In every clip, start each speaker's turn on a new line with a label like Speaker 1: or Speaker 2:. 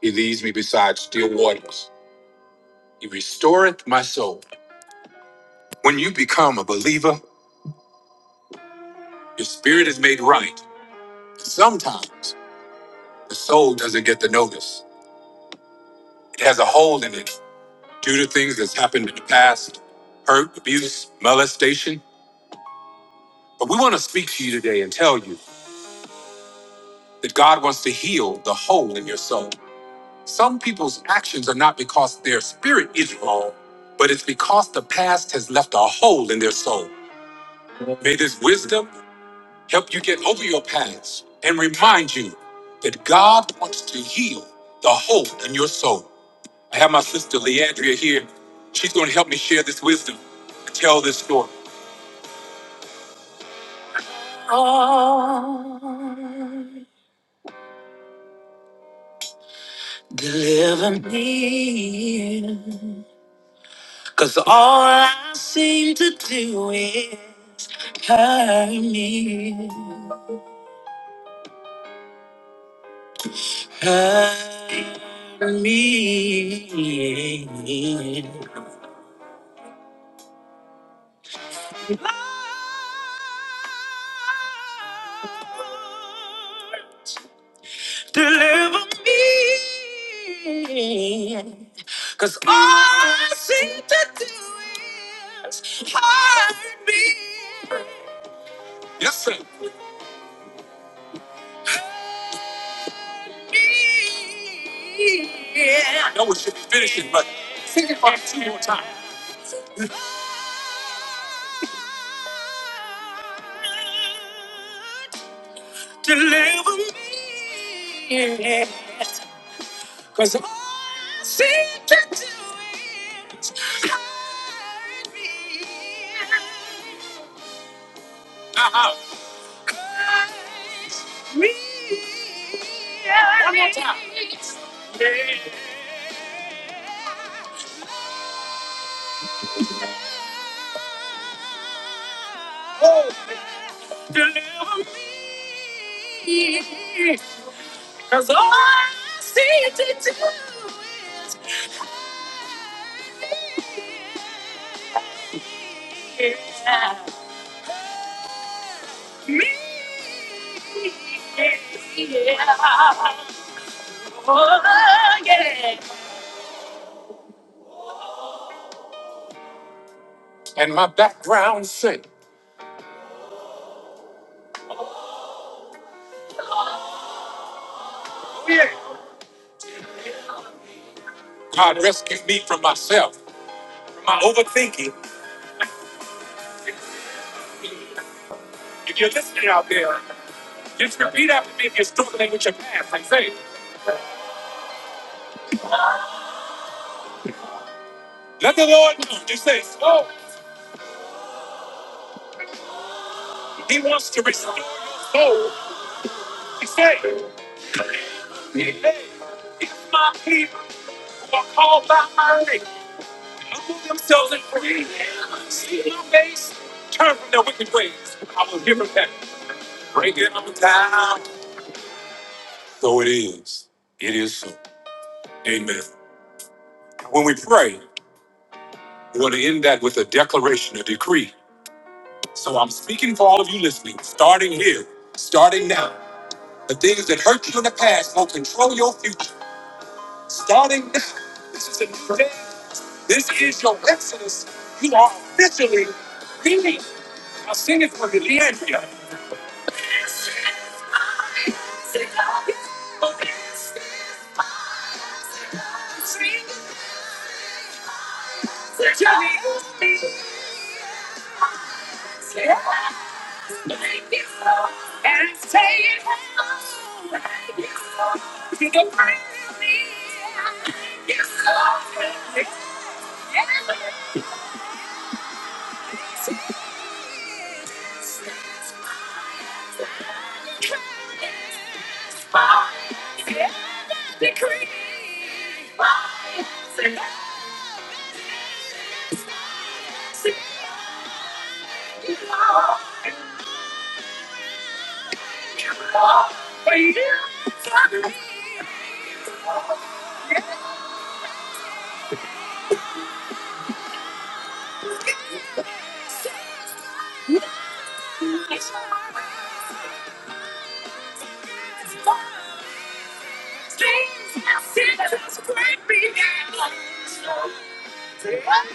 Speaker 1: He leads me beside still waters. He restoreth my soul. When you become a believer, your spirit is made right. Sometimes the soul doesn't get the notice. It has a hole in it due to things that's happened in the past, hurt, abuse, molestation. But we want to speak to you today and tell you that God wants to heal the hole in your soul. Some people's actions are not because their spirit is wrong, but it's because the past has left a hole in their soul. May this wisdom help you get over your past, and remind you that God wants to heal the hole in your soul. I have my sister Leandria here. She's going to help me share this wisdom and tell this story. Lord, deliver me. Cause all. Yes, sir. Y'all, we should be finishing. But, uh-huh. Cause all I see to do is me. Yeah. Oh, yeah. and my background said, God rescued me from myself, from my overthinking. If you're listening out there, just repeat after me if you're struggling with your past and say, let the Lord know. Just say, Oh, He wants to restore your soul. He said, "He- hey, if my people who are called by my name humble themselves and pray, seek my face, turn from their wicked ways, I will give them back. Break it on time. So it is. It is so. Amen. When we pray, we want to end that with a declaration, a decree. So I'm speaking for all of you listening, starting here, starting now. The things that hurt you in the past will control your future. Starting now, this is a new day. This is your exodus. You are officially free. I'll sing it for me, Leandria. and take it home. You can bring me. You Decree by thank you are and you are for you. It's fine. It's fine. things that seem to break me down.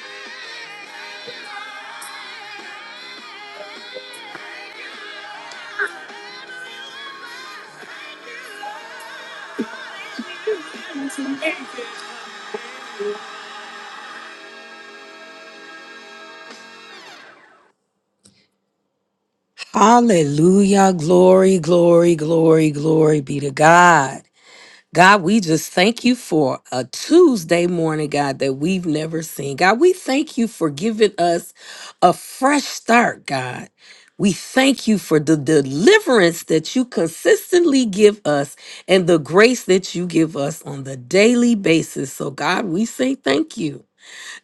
Speaker 1: Hallelujah. Glory, glory, glory, glory be to God. God, we just thank you for a Tuesday morning, God, that we've never seen. God, we thank you for giving us a fresh start, God. We thank you for the deliverance that you consistently give us and the grace that you give us on the daily basis. So, God, we say thank you.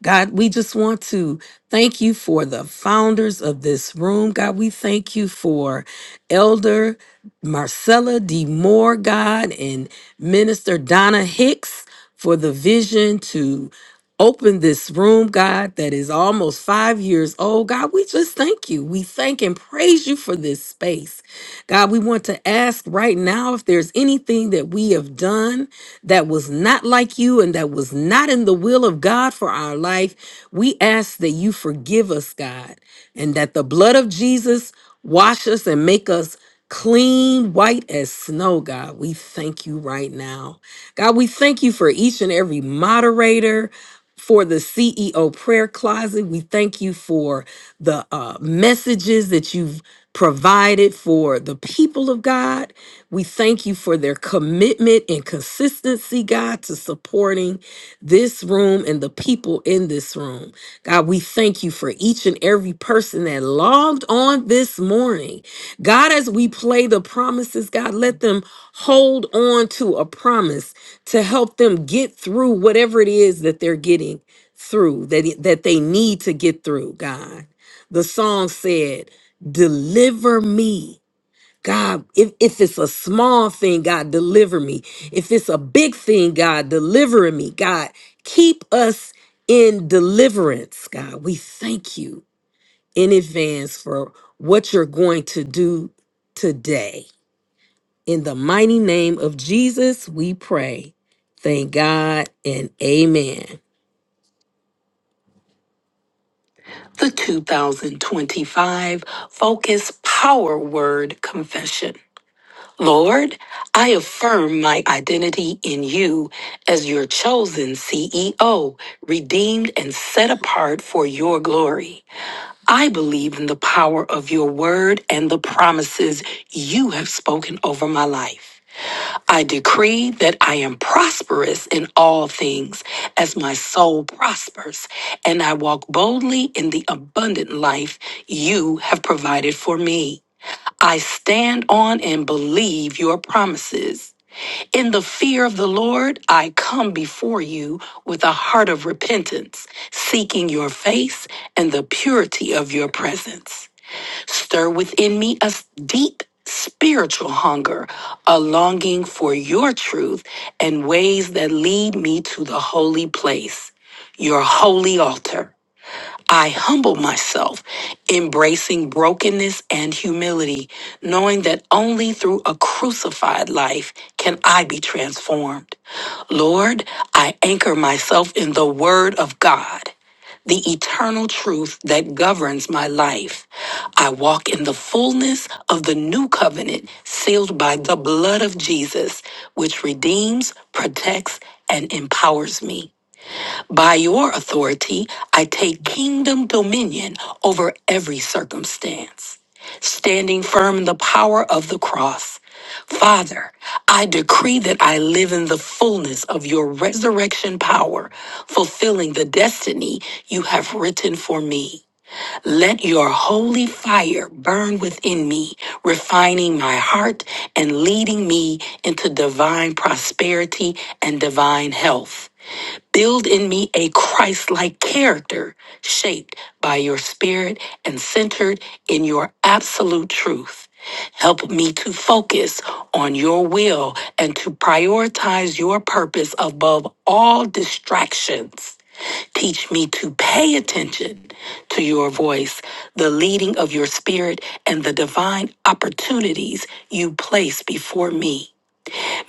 Speaker 1: God, we just want to thank you for the founders of this room. God, we thank you for Elder Marcella D. Moore, God, and Minister Donna Hicks for the vision to open this room, God, that is almost five years old. God, we just thank you. We thank and praise you for this space. God, we want to ask right now if there's anything that we have done that was not like you and that was not in the will of God for our life. We ask that you forgive us, God, and that the blood of Jesus wash us and make us clean, white as snow, God. We thank you right now. God, we thank you for each and every moderator for the CEO prayer closet. We thank you for the uh, messages that you've provided for the people of God. We thank you for their commitment and consistency, God, to supporting this room and the people in this room. God, we thank you for each and every person that logged on this morning. God, as we play the promises, God, let them hold on to a promise to help them get through whatever it is that they're getting through, that, that they need to get through, God. The song said, Deliver me. God, if, if it's a small thing, God, deliver me. If it's a big thing, God, deliver me. God, keep us in deliverance, God. We thank you in advance for what you're going to do today. In the mighty name of Jesus, we pray. Thank God and amen. The 2025 Focus Power Word Confession. Lord, I affirm my identity in you as your chosen CEO, redeemed and set apart for your glory. I believe in the power of your word and the promises you have spoken over my life. I decree that I am prosperous in all things as my soul prospers, and I walk boldly in the abundant life you have provided for me. I stand on and believe your promises. In the fear of the Lord, I come before you with a heart of repentance, seeking your face and the purity of your presence. Stir within me a s- deep spiritual hunger, a longing for your truth and ways that lead me to the holy place, your holy altar. I humble myself, embracing brokenness and humility, knowing that only through a crucified life can I be transformed. Lord, I anchor myself in the Word of God, the eternal truth that governs my life. I walk in the fullness of the new covenant sealed by the blood of Jesus, which redeems, protects, and empowers me. By your authority, I take kingdom dominion over every circumstance, standing firm in the power of the cross. Father, I decree that I live in the fullness of your resurrection power, fulfilling the destiny you have written for me. Let your holy fire burn within me, refining my heart and leading me into divine prosperity and divine health. Build in me a Christ like character shaped by your spirit and centered in your absolute truth. Help me to focus on your will and to prioritize your purpose above all distractions. Teach me to pay attention to your voice, the leading of your spirit, and the divine opportunities you place before me.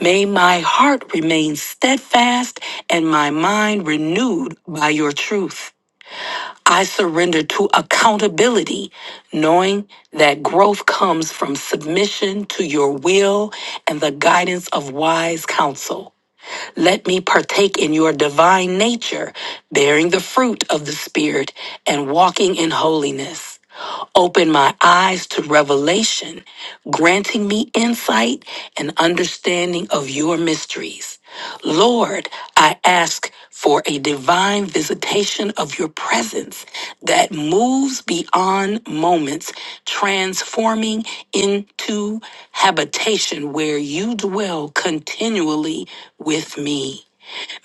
Speaker 1: May my heart remain steadfast and my mind renewed by your truth. I surrender to accountability, knowing that growth comes from submission to your will and the guidance of wise counsel. Let me partake in your divine nature, bearing the fruit of the Spirit and walking in holiness opened my eyes to revelation, granting me insight and understanding of your mysteries. Lord, I ask for a divine visitation of your presence that moves beyond moments, transforming into habitation where you dwell continually with me.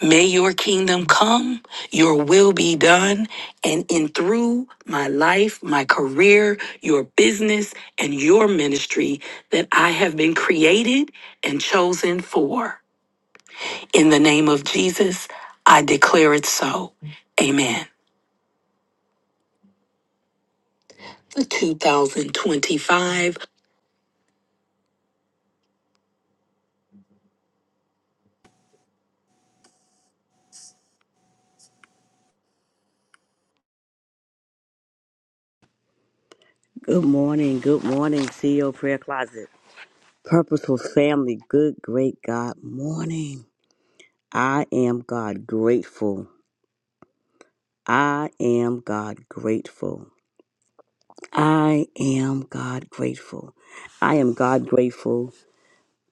Speaker 1: May your kingdom come, your will be done, and in through my life, my career, your business, and your ministry that I have been created and chosen for. In the name of Jesus, I declare it so. Amen. 2025
Speaker 2: Good morning. Good morning, CEO Prayer Closet. Purposeful family. Good, great God morning. I am God grateful. I am God grateful. I am God grateful. I am God grateful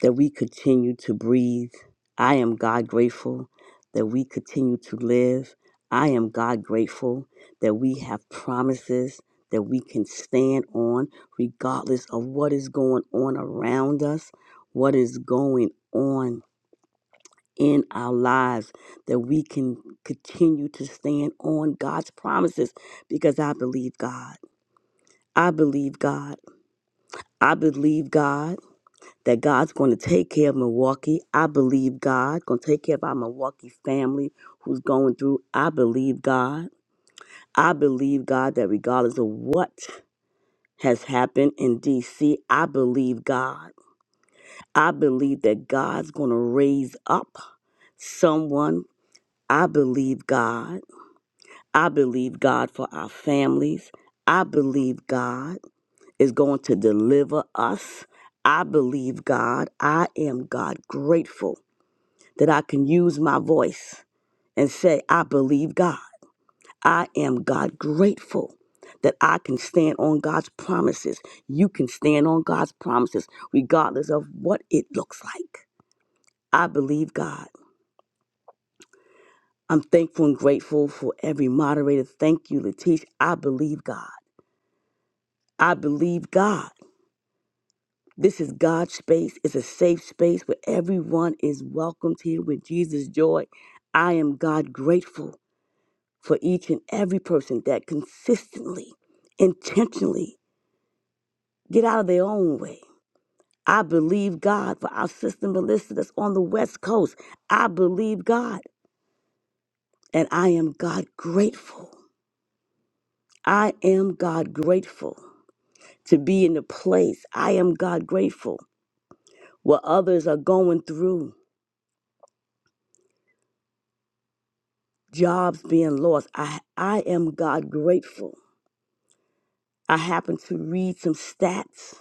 Speaker 2: that we continue to breathe. I am God grateful that we continue to live. I am God grateful that we have promises that we can stand on regardless of what is going on around us, what is going on in our lives, that we can continue to stand on God's promises because I believe God. I believe God. I believe God that God's going to take care of Milwaukee. I believe God going to take care of our Milwaukee family who's going through. I believe God. I believe God that regardless of what has happened in DC, I believe God. I believe that God's going to raise up someone. I believe God. I believe God for our families. I believe God is going to deliver us. I believe God. I am God grateful that I can use my voice and say, I believe God. I am God grateful that I can stand on God's promises. You can stand on God's promises, regardless of what it looks like. I believe God. I'm thankful and grateful for every moderator. Thank you, Letitia. I believe God. I believe God. This is God's space. It's a safe space where everyone is welcomed here with Jesus' joy. I am God grateful for each and every person that consistently, intentionally get out of their own way. I believe God for our sister Melissa that's on the West Coast. I believe God. And I am God grateful. I am God grateful to be in the place. I am God grateful where others are going through jobs being lost. I, I am God grateful. I happen to read some stats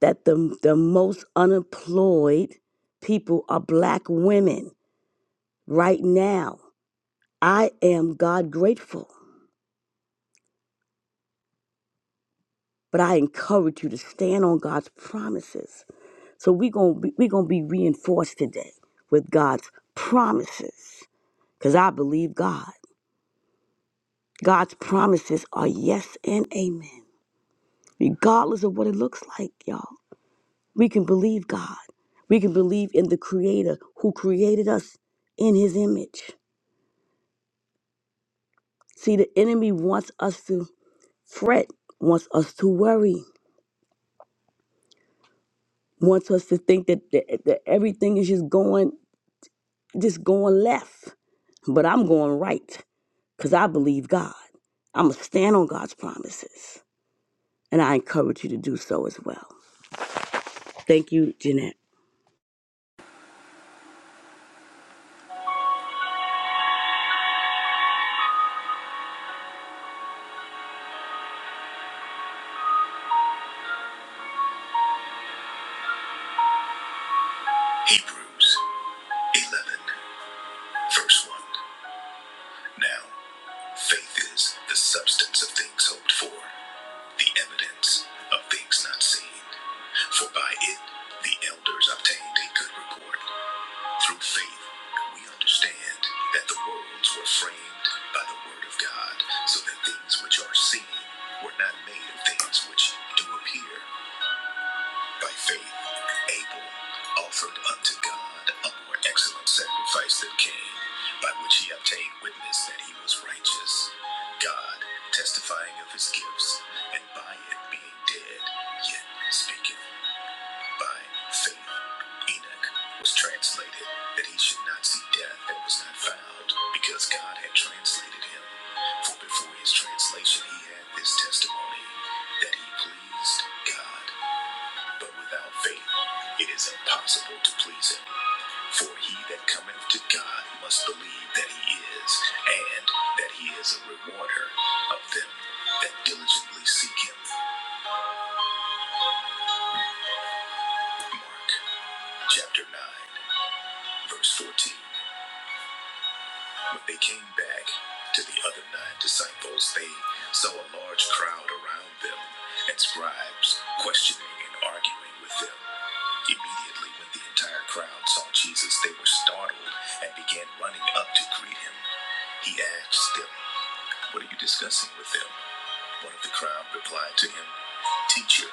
Speaker 2: that the, the most unemployed people are black women right now. I am God grateful, but I encourage you to stand on God's promises. So we're going to we're going to be reinforced today with God's promises cuz I believe God. God's promises are yes and amen. Regardless of what it looks like, y'all. We can believe God. We can believe in the creator who created us in his image. See, the enemy wants us to fret, wants us to worry, wants us to think that, that, that everything is just going just going left. But I'm going right because I believe God. I'm going to stand on God's promises. And I encourage you to do so as well. Thank you, Jeanette.
Speaker 3: Hebrews 11, verse 1. Now, faith is the substance of things hoped for, the evidence of things not seen. For by it the elders obtained a good report. Through faith, we understand that the worlds were framed by the word of God, so that things which are seen were not made of things which do appear. By faith, Abel offered unto God a more excellent sacrifice than Cain, by which he obtained witness that he was righteous, God testifying of his gifts, and by it being dead, yet speaking. By faith, Enoch was translated that he should not see death that was not found, because God had translated him. For before his translation, he had this testimony that he pleased God. But without faith, it is impossible to please him. For he that cometh to God must believe that he is, and that he is a rewarder of them that diligently seek him. Mark chapter 9, verse 14. When they came back to the other nine disciples, they saw a large crowd around them, and scribes questioning and arguing with them. Immediately, when the entire crowd saw Jesus, they were startled and began running up to greet him. He asked them, What are you discussing with them? One of the crowd replied to him, Teacher,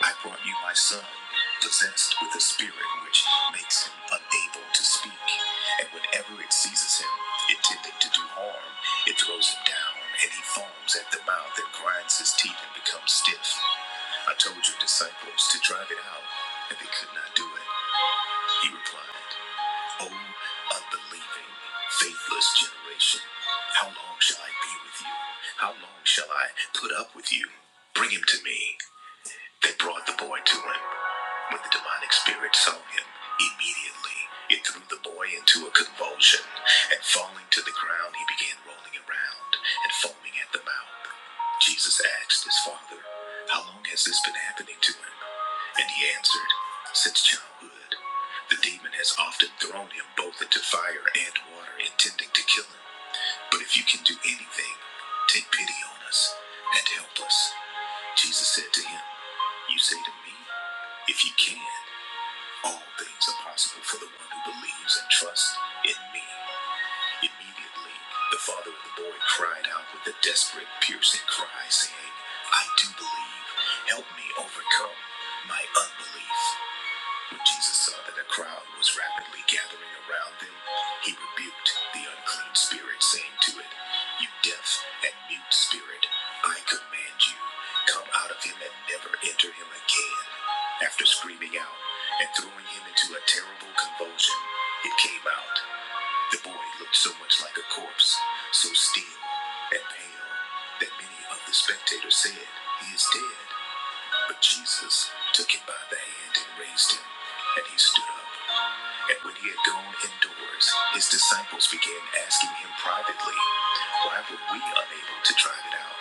Speaker 3: I brought you my son, possessed with a spirit which makes him unable to speak. And whenever it seizes him, intending to do harm, it throws him down, and he foams at the mouth and grinds his teeth and becomes stiff. I told your disciples to drive it out, and they could not do it. He replied, O unbelieving, faithless generation, how long shall I be with you? How long shall I put up with you? Bring him to me. They brought the boy to him. When the demonic spirit saw him, immediately it threw the boy into a convulsion, and falling to the ground, he began rolling around and foaming at the mouth. Jesus asked his father, How long has this been happening to him? And he answered, Since childhood. The demon has often thrown him both into fire and water, intending to kill him. But if you can do anything, take pity on us and help us. Jesus said to him, You say to me, If you can. All things are possible for the one who believes and trusts in me. Immediately, the father of the boy cried out with a desperate, piercing cry, saying, I do believe. Help me overcome my unbelief. When Jesus saw that a crowd was rapidly gathering around them. He rebuked the unclean spirit, saying to it, You deaf and mute spirit, I command you, come out of him and never enter him again. After screaming out and throwing him into a terrible convulsion, it came out. The boy looked so much like a corpse, so still and pale, that many of the spectators said, He is dead. But Jesus took him by the hand and raised him, and he stood up. And when he had gone indoors, his disciples began asking him privately, Why were we unable to drive it out?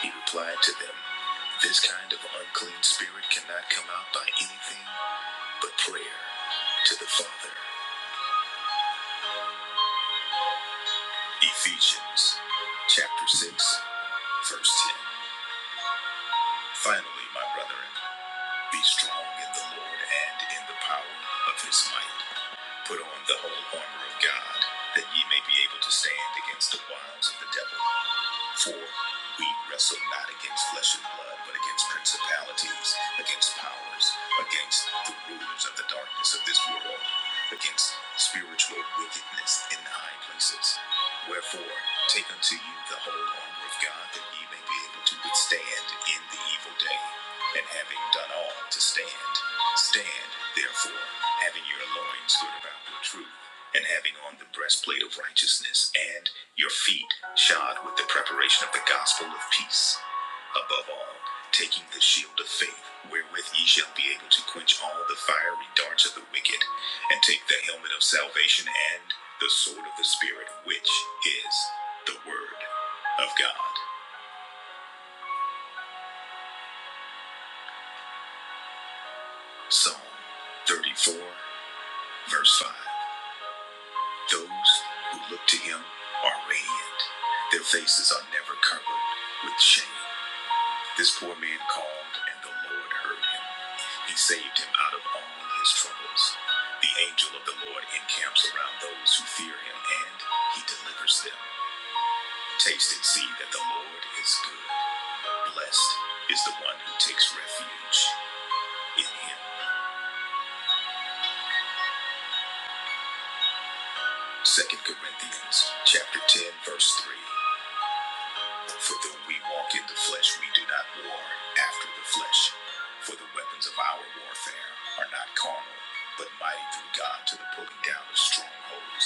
Speaker 3: He replied to them, This kind of unclean spirit cannot come out by anything but prayer to the Father. Ephesians chapter 6, verse 10. Finally, my brethren, be strong in the Lord and in the power of his might. Put on the whole armor of God, that ye may be able to stand against the wiles of the devil. For we wrestle not against flesh and blood, but against principalities, against powers, against the rulers of the darkness of this world, against spiritual wickedness in the high places. Wherefore, take unto you the whole armor of God, that ye may be able to withstand in the evil day. And having done all to stand, stand therefore, having your loins girt about with truth and having on the breastplate of righteousness, and your feet shod with the preparation of the gospel of peace. Above all, taking the shield of faith, wherewith ye shall be able to quench all the fiery darts of the wicked, and take the helmet of salvation and the sword of the Spirit, which is the Word of God. Psalm 34, verse 5. Those who look to him are radiant, their faces are never covered with shame. This poor man called, and the Lord heard him. He saved him out of all his troubles. The angel of the Lord encamps around those who fear him, and he delivers them. Taste and see that the Lord is good. Blessed is the one who takes refuge in him. Second Corinthians chapter 10, verse 3. For though we walk in the flesh, we do not war after the flesh. For the weapons of our warfare are not carnal, but mighty through God to the pulling down of strongholds,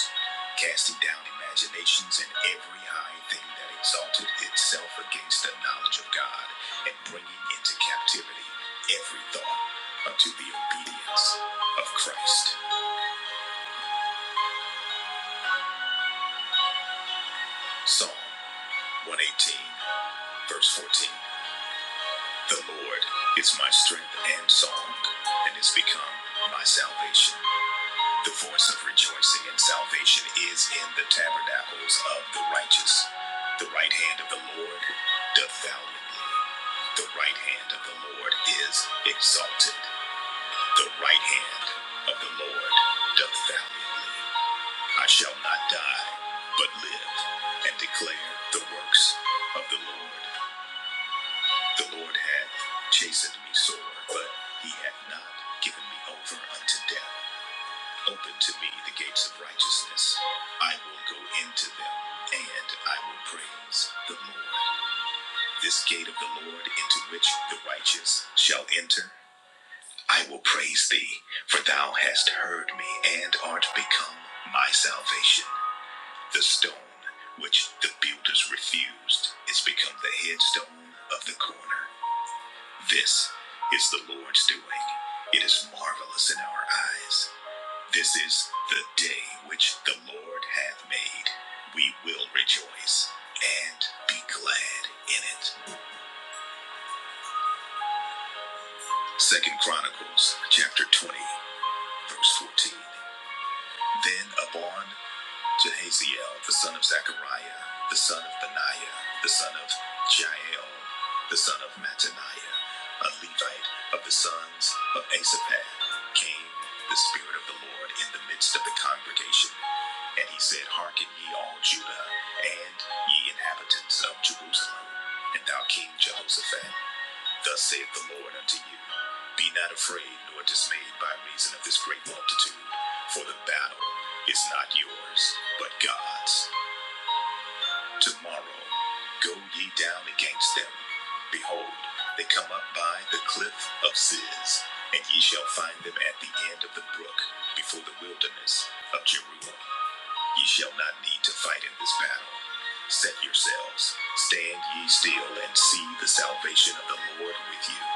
Speaker 3: casting down imaginations and every high thing that exalted itself against the knowledge of God, and bringing into captivity every thought unto the obedience of Christ. Psalm 118, verse 14. The Lord is my strength and song, and is become my salvation. The voice of rejoicing and salvation is in the tabernacles of the righteous. The right hand of the Lord doth valiantly. The right hand of the Lord is exalted. The right hand of the Lord doth valiantly. I shall not die, but live and declare the works of the Lord. The Lord had chastened me sore, but he had not given me over unto death. Open to me the gates of righteousness. I will go into them, and I will praise the Lord. This gate of the Lord into which the righteous shall enter. I will praise thee, for thou hast heard me and art become my salvation. The stone which the builders refused is become the headstone of the corner. This is the Lord's doing. It is marvelous in our eyes. This is the day which the Lord hath made. We will rejoice and be glad in it. Second Chronicles chapter 20, verse 14. Then upon Jehaziel, the son of Zechariah, the son of Benaiah, the son of Jael, the son of Mattaniah, a Levite of the sons of Asaphat, came the Spirit of the Lord in the midst of the congregation. And he said, Hearken ye all Judah, and ye inhabitants of Jerusalem, and thou King Jehoshaphat. Thus saith the Lord unto you Be not afraid nor dismayed by reason of this great multitude, for the battle is not yours, but God's. Tomorrow go ye down against them. Behold, they come up by the cliff of Ziz, and ye shall find them at the end of the brook, before the wilderness of Jeruel. Ye shall not need to fight in this battle. Set yourselves, stand ye still, and see the salvation of the Lord with you.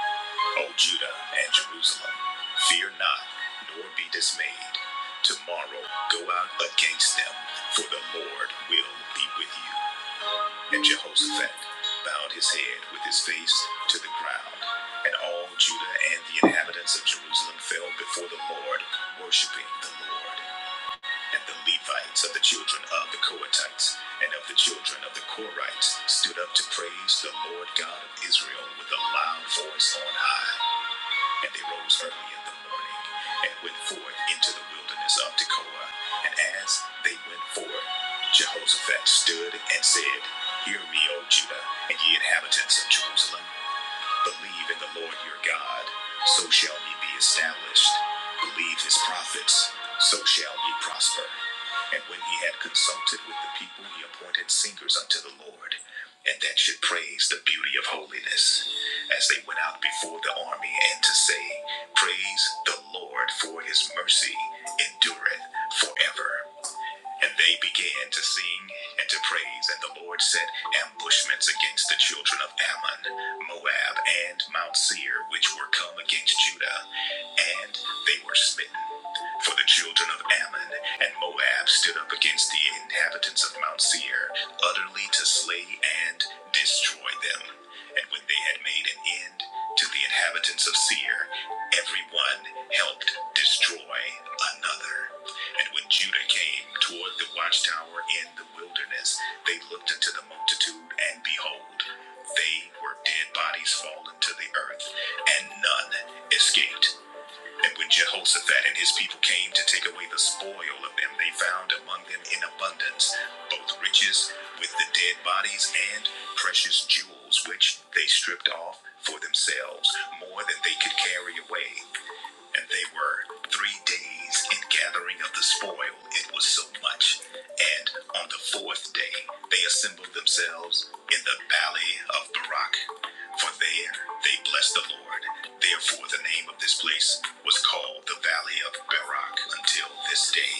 Speaker 3: O Judah and Jerusalem, fear not, nor be dismayed. Tomorrow go out against them, for the Lord will be with you. And Jehoshaphat bowed his head with his face to the ground. And all Judah and the inhabitants of Jerusalem fell before the Lord, worshiping the Lord. And the Levites of the children of the Kohathites and of the children of the Korites stood up to praise the Lord God of Israel with a loud voice on high. And they rose early in the morning and went forth into the wilderness of Tekoa. And as they went forth, Jehoshaphat stood and said, Hear me, O Judah, and ye inhabitants of Jerusalem. Believe in the Lord your God, so shall ye be established. Believe his prophets, so shall ye prosper. And when he had consulted with the people, he appointed singers unto the Lord, and that should praise the beauty of holiness, as they went out before the army, and to say, Praise the Lord, for his mercy endureth forever. And they began to sing and to praise, and the Lord set ambushments against the children of Ammon, Moab, and Mount Seir, which were come against Judah, and they were smitten. For the children of Ammon and Moab stood up against the inhabitants of Mount Seir, utterly to slay and destroy them. And when they had made an end to the inhabitants of Seir, every one helped destroy another. And when Judah came toward the watchtower in the wilderness, they looked into the multitude, and behold, they were dead bodies fallen to the earth, and none escaped. And when Jehoshaphat and his people came to take away the spoil of them, they found among them in abundance both riches with the dead bodies and precious jewels, which they stripped off for themselves, more than they could carry away. And they were three days in gathering of the spoil, it was so much. And on the fourth day they assembled themselves in the valley of Barak. For there they blessed the Lord. Therefore the name of this place was called the valley of Barak until this day.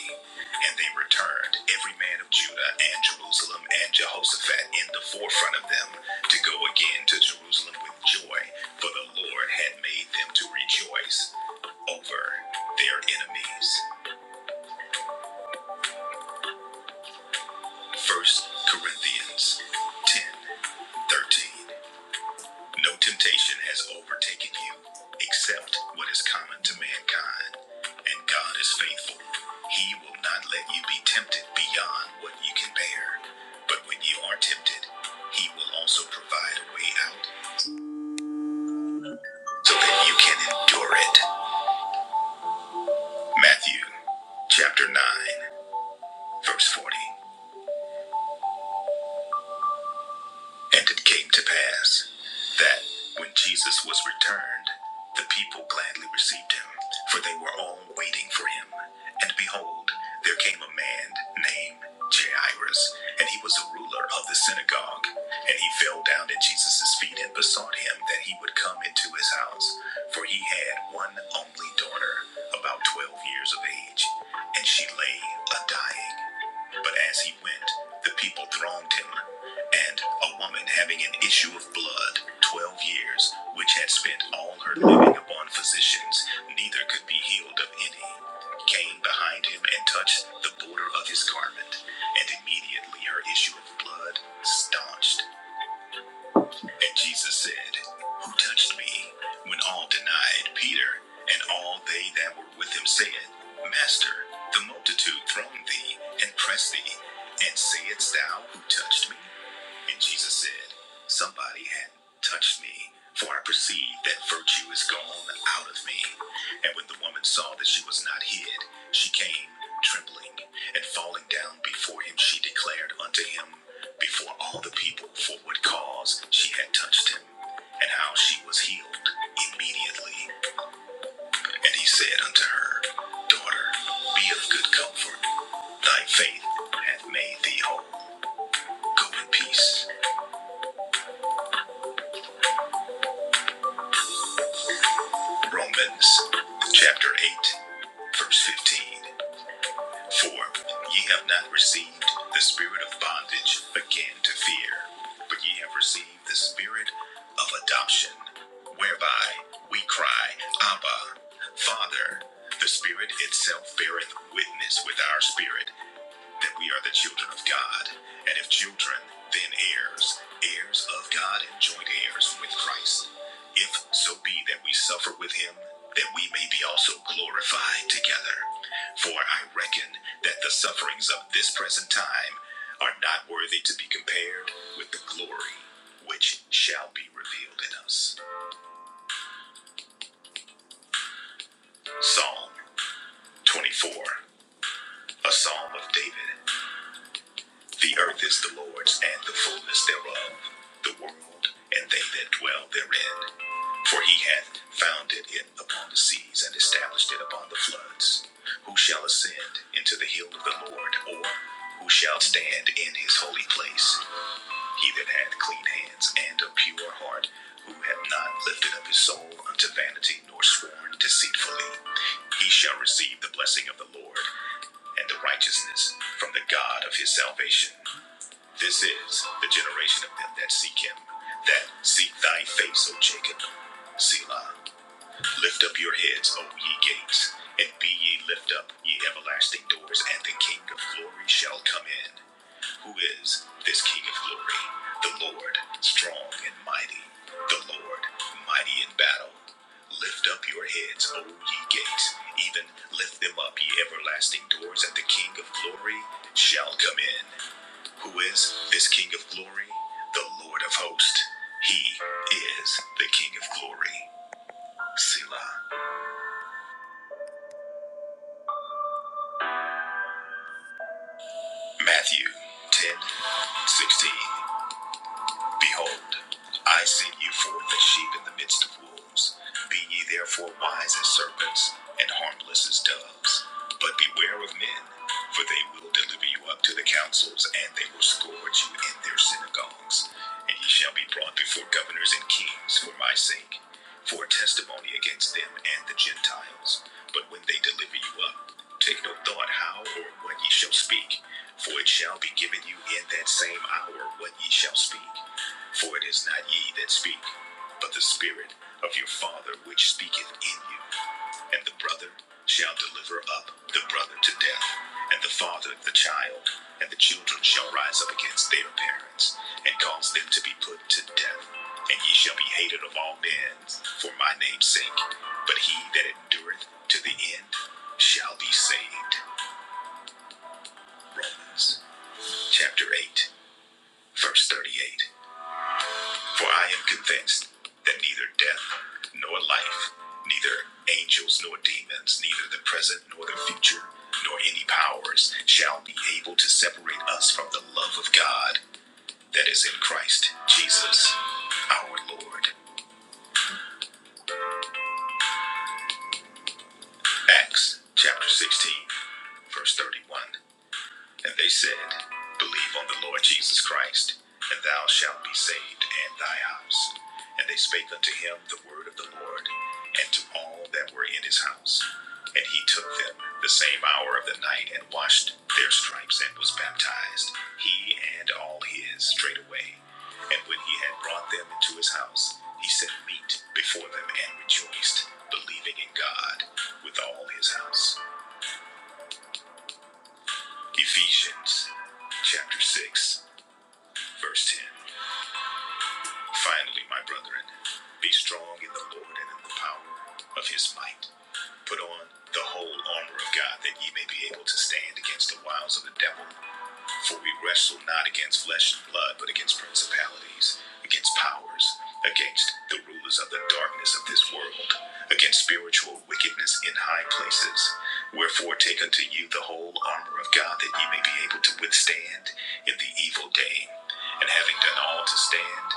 Speaker 3: And they returned, every man of Judah and Jerusalem and Jehoshaphat in the forefront of them, to go again to Jerusalem with joy, for the Lord had made them to rejoice over their enemies. First Corinthians 10 13. No temptation has overtaken you except what is common to mankind, and God is faithful. He will not let you be tempted beyond what you can bear, but when you are tempted, He will also provide a way out so that you can endure it. Matthew chapter 9, verse 40. And it came to pass that when Jesus was returned, the people gladly received him, for they were all waiting for him. And behold, there came a man named Jairus, and he was a ruler of the synagogue. And he fell down at Jesus' feet and besought him that he would come into his house, for he had one only daughter, about twelve years of age, and she lay a dying. But as he went, the people thronged him, and a woman having an issue of blood twelve years, which had spent all her living upon physicians, neither could be healed of any, came behind him and touched the border of his garment, and immediately her issue of blood staunched, and Jesus said, Who touched me? When all denied, Peter and all they that were with him said, Master, the multitude throng thee and press thee, and sayest thou, Who touched me? And Jesus said, Somebody had touched me, for I perceive that virtue is gone out of me. And when the woman saw that she was not hid, she came trembling, and falling down before him, she declared unto him before all the people for what cause she had touched him, and how she was healed immediately. And he said unto her, Daughter, be of good comfort. Thy faith hath made thee whole. Go in peace. Romans chapter 8, verse 15. For ye have not received the spirit of bondage again to fear, but ye have received the spirit of adoption, whereby we cry, Abba, Father. The Spirit itself beareth witness with our spirit that we are the children of God, and if children, then heirs, heirs of God and joint heirs with Christ, if so be that we suffer with him, that we may be also glorified together. For I reckon that the sufferings of this present time are not worthy to be compared with the glory which shall be revealed in us. Psalm 24, a psalm of David. The earth is the Lord's and the fullness thereof, the world and they that dwell therein. For he hath founded it upon the seas and established it upon the floods. Who shall ascend into the hill of the Lord, or who shall stand in his holy place? He that hath clean hands and a pure heart, who hath not lifted up his soul unto vanity nor sworn deceitfully, he shall receive the blessing of the Lord and the righteousness from the God of his salvation. This is the generation of them that seek him, that seek thy face, O Jacob. Selah. Lift up your heads, O ye gates, and be ye lift up, ye everlasting doors, and the King of glory shall come in. Who is this King of glory? The Lord, strong and mighty. The Lord, mighty in battle. Lift up your heads, O ye gates, even lift them up, ye everlasting doors, and the King of glory shall come in who is this King of glory? The Lord of hosts. He is the King of glory. Selah. Matthew 10:16. Behold, I send you forth as sheep in the midst of wolves. Be ye therefore wise as serpents and harmless as doves. But beware of men, for they will deliver you up to the councils, and they will scourge you in their synagogues. And ye shall be brought before governors and kings for my sake, for a testimony against them and the Gentiles. But when they deliver you up, take no thought how or what ye shall speak, for it shall be given you in that same hour what ye shall speak. For it is not ye that speak, but the Spirit of your Father which speaketh in you. And the brother shall deliver up the brother to death, and the father the child, and the children shall rise up against their parents, and cause them to be put to death. And ye shall be hated of all men for my name's sake, but he that endureth to the end shall be saved. Romans chapter 8, verse 38. For I am convinced that neither death nor life, neither angels nor demons, neither the present nor the future, nor any powers shall be able to separate us from the love of God that is in Christ Jesus our Lord. Acts chapter 16, verse 31. And they said, Believe on the Lord Jesus Christ, and thou shalt be saved and thy house. And they spake unto him the word of the Lord, and to all that were in his house. And he took them the same hour of the night, and washed their stripes, and was baptized, he and all his straightway. And when he had brought them into his house, he set meat before them, and rejoiced, believing in God with all his house. Ephesians chapter 6. Verse 10 Finally, my brethren, be strong in the Lord and in the power of his might. Put on the whole armor of God that ye may be able to stand against the wiles of the devil. For we wrestle not against flesh and blood, but against principalities, against powers, against the rulers of the darkness of this world, against spiritual wickedness in high places. Wherefore, take unto you the whole armor of God that ye may be able to withstand in the evil day. And having done all to stand,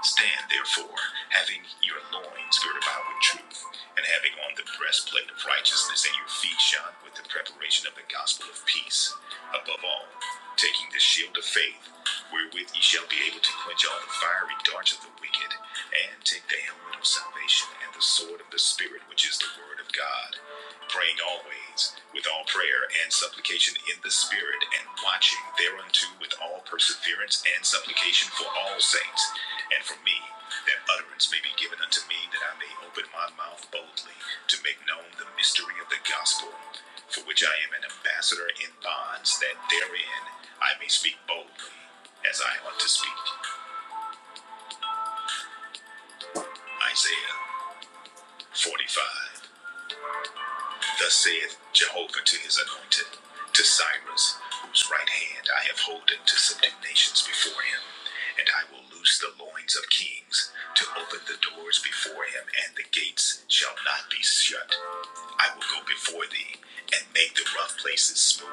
Speaker 3: Stand therefore, having your loins girded about with truth, and having on the breastplate of righteousness, and your feet shod with the preparation of the gospel of peace. Above all, taking the shield of faith, wherewith ye shall be able to quench all the fiery darts of the wicked, and take the helmet of salvation and the sword of the Spirit, which is the word of God praying always with all prayer and supplication in the Spirit, and watching thereunto with all perseverance and supplication for all saints, and for me, that utterance may be given unto me, that I may open my mouth boldly to make known the mystery of the gospel, for which I am an ambassador in bonds, that therein I may speak boldly as I ought to speak. Isaiah 45. Thus saith Jehovah to his anointed, to Cyrus, whose right hand I have holden to subdue nations before him. And I will loose the loins of kings, to open the doors before him, and the gates shall not be shut. I will go before thee, and make the rough places smooth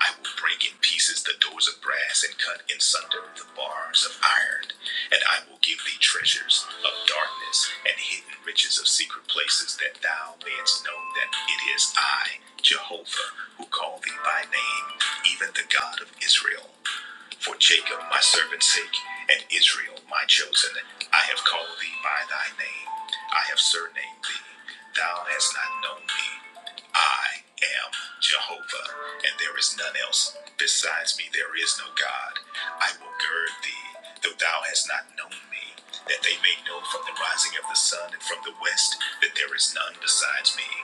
Speaker 3: I will break in pieces the doors of brass and cut in sunder the bars of iron. And I will give thee treasures of darkness and hidden riches of secret places, that thou mayest know that it is I, Jehovah, who call thee by name, even the God of Israel. For Jacob, my servant's sake, and Israel, my chosen, I have called thee by thy name. I have surnamed thee. Thou hast not known me. I am Jehovah, and there is none else. Besides me, there is no God. I will gird thee, though thou hast not known me, that they may know from the rising of the sun and from the west that there is none besides me.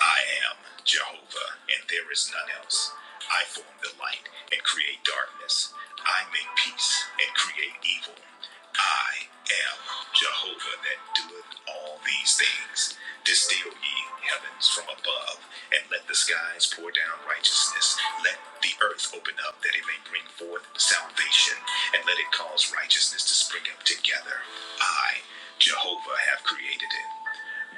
Speaker 3: I am Jehovah, and there is none else. I form the light and create darkness. I make peace and create evil. I am Jehovah that doeth all these things. Distill ye heavens from above, and let the skies pour down righteousness. Let the earth open up that it may bring forth salvation, and let it cause righteousness to spring up together. I, Jehovah, have created it.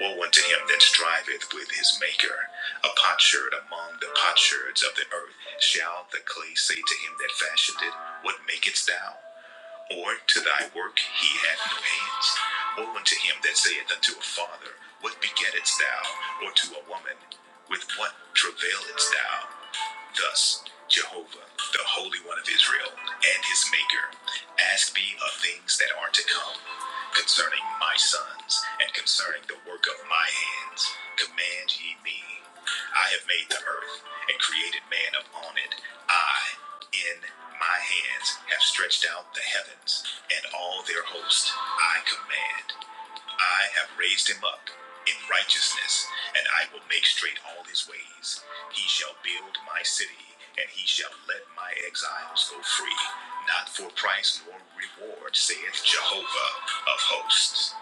Speaker 3: Woe unto him that striveth with his maker. A potsherd among the potsherds of the earth. Shall the clay say to him that fashioned it, What makest thou? Or to thy work he hath no hands. Woe unto him that saith unto a father, What begettest thou? Or to a woman, With what travailest thou? Thus, Jehovah, the Holy One of Israel, and his Maker, asked me of things that are to come, concerning my sons, and concerning the work of my hands. Command ye me. I have made the earth, and created man upon it. I, in my hands, have stretched out the heavens, and all their host I command. I have raised him up in righteousness, and I will make straight all his ways. He shall build my city, and he shall let my exiles go free, not for price nor reward, saith Jehovah of hosts.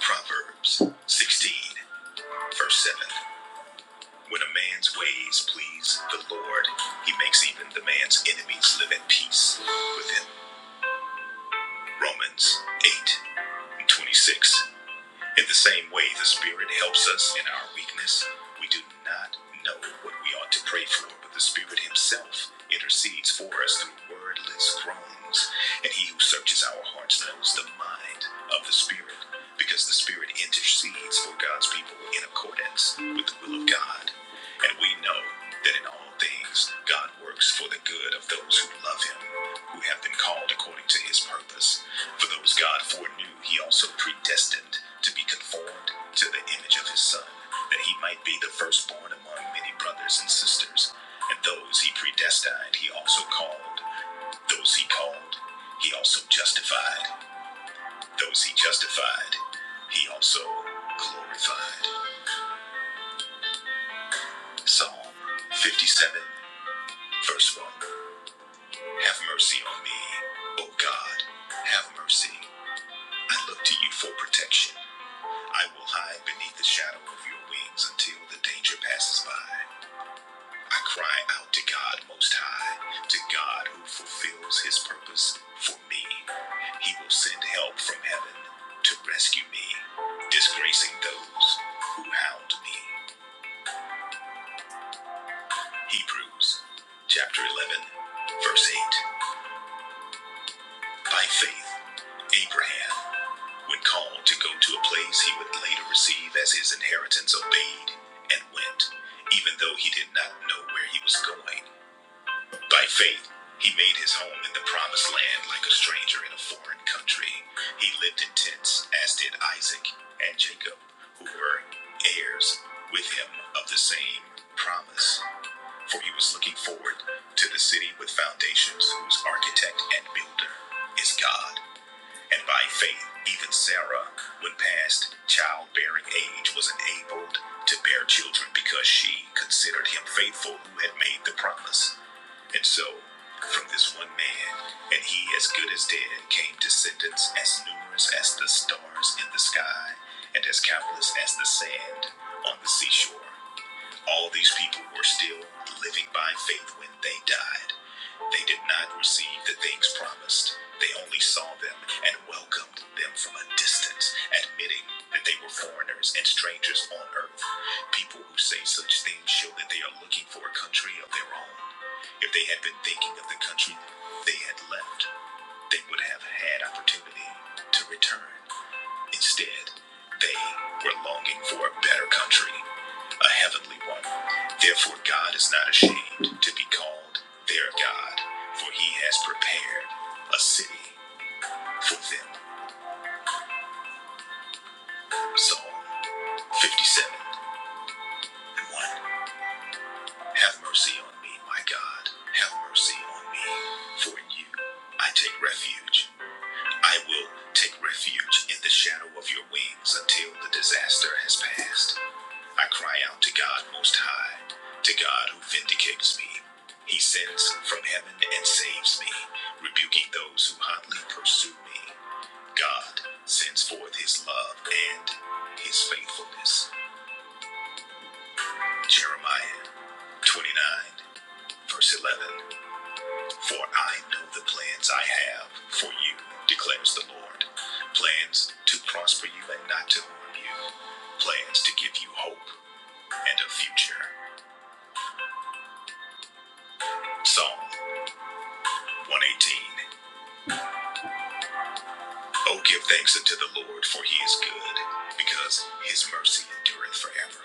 Speaker 3: Proverbs 16, verse 7. When a man's ways please the Lord, he makes even the man's enemies live at peace with him. Romans 8 and 26. In the same way the Spirit helps us in our weakness, we do not know what we ought to pray for, but the Spirit Himself intercedes for us through wordless groans. And He who searches our hearts knows the mind of the Spirit, because the Spirit intercedes for God's people in accordance with the will of God. And we know that in all things, God works for the good of those who love him, who have been called according to his purpose. For those God foreknew, he also predestined to be conformed to the image of his son, that he might be the firstborn among many brothers and sisters. And those he predestined, he also called. Those he called, he also justified. Those he justified, he also glorified. Psalm 57, verse 1. Have mercy on me, O God. Have mercy. I look to you for protection. I will hide beneath the shadow of your wings until the danger passes by. I cry out to God Most High, to God who fulfills his purpose for me. He will send help from heaven to rescue me, disgracing those who hound me. Hebrews chapter 11, verse 8. By faith, Abraham When called to go to a place he would later receive as his inheritance, obeyed and went, even though he did not know where he was going. By faith, he made his home in the promised land like a stranger in a foreign country. He lived in tents, as did Isaac and Jacob, who were heirs with him of the same promise. For he was looking forward to the city with foundations, whose architect and builder is God. And by faith, even Sarah, when past childbearing age, was enabled to bear children because she considered him faithful who had made the promise. And so, from this one man, and he as good as dead, came descendants as numerous as the stars in the sky, and as countless as the sand on the seashore. All these people were still living by faith when they died. They did not receive the things promised. They only saw them and welcomed them from a distance, admitting that they were foreigners and strangers on earth. People who say such things show that they are looking for a country of their own. If they had been thinking of the country they had left, they would have had opportunity to return. Instead, they were longing for a better country, a heavenly one. Therefore, God is not ashamed to be called their God, for he has prepared a city for them. Psalm 57 and 1. Have mercy on me, my God. Have mercy on me, for in you I take refuge. I will take refuge in the shadow of your wings until the disaster has passed. I cry out to God Most High, to God who vindicates me. He sends from heaven and saves me, rebuking those who hotly pursue me. God sends forth his love and his faithfulness. Jeremiah 29, verse 11. For I know the plans I have for you, declares the Lord. Plans to prosper you and not to harm you. Plans to give you hope and a future. Psalm 118 Oh, give thanks unto the Lord, for he is good, because his mercy endureth forever.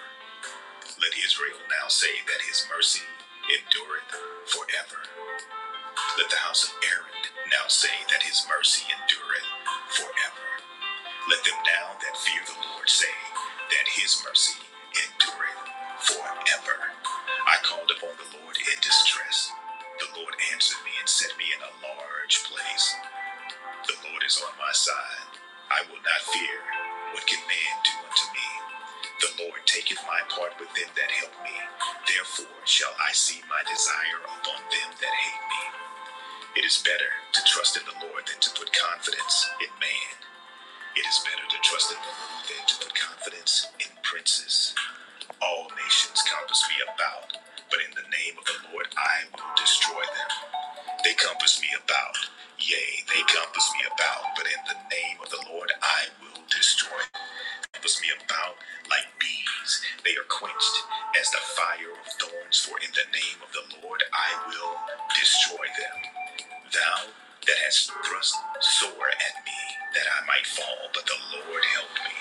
Speaker 3: Let Israel now say that his mercy endureth forever. Let the house of Aaron now say that his mercy endureth forever. Let them now that fear the Lord say that his mercy endureth forever. I called upon the Lord in distress. The Lord answered me and set me in a large place. The Lord is on my side. I will not fear. What can man do unto me? The Lord taketh my part with them that help me. Therefore shall I see my desire upon them that hate me. It is better to trust in the Lord than to put confidence in man. It is better to trust in the Lord than to put confidence in princes. All nations compass me about, but in the name of the Lord I will destroy them. They compass me about. Yea, they compass me about, but in the name of the Lord I will destroy. them. Compass me about like bees. They are quenched as the fire of thorns, for in the name of the Lord I will destroy them. Thou that hast thrust sore at me, that I might fall, but the Lord helped me.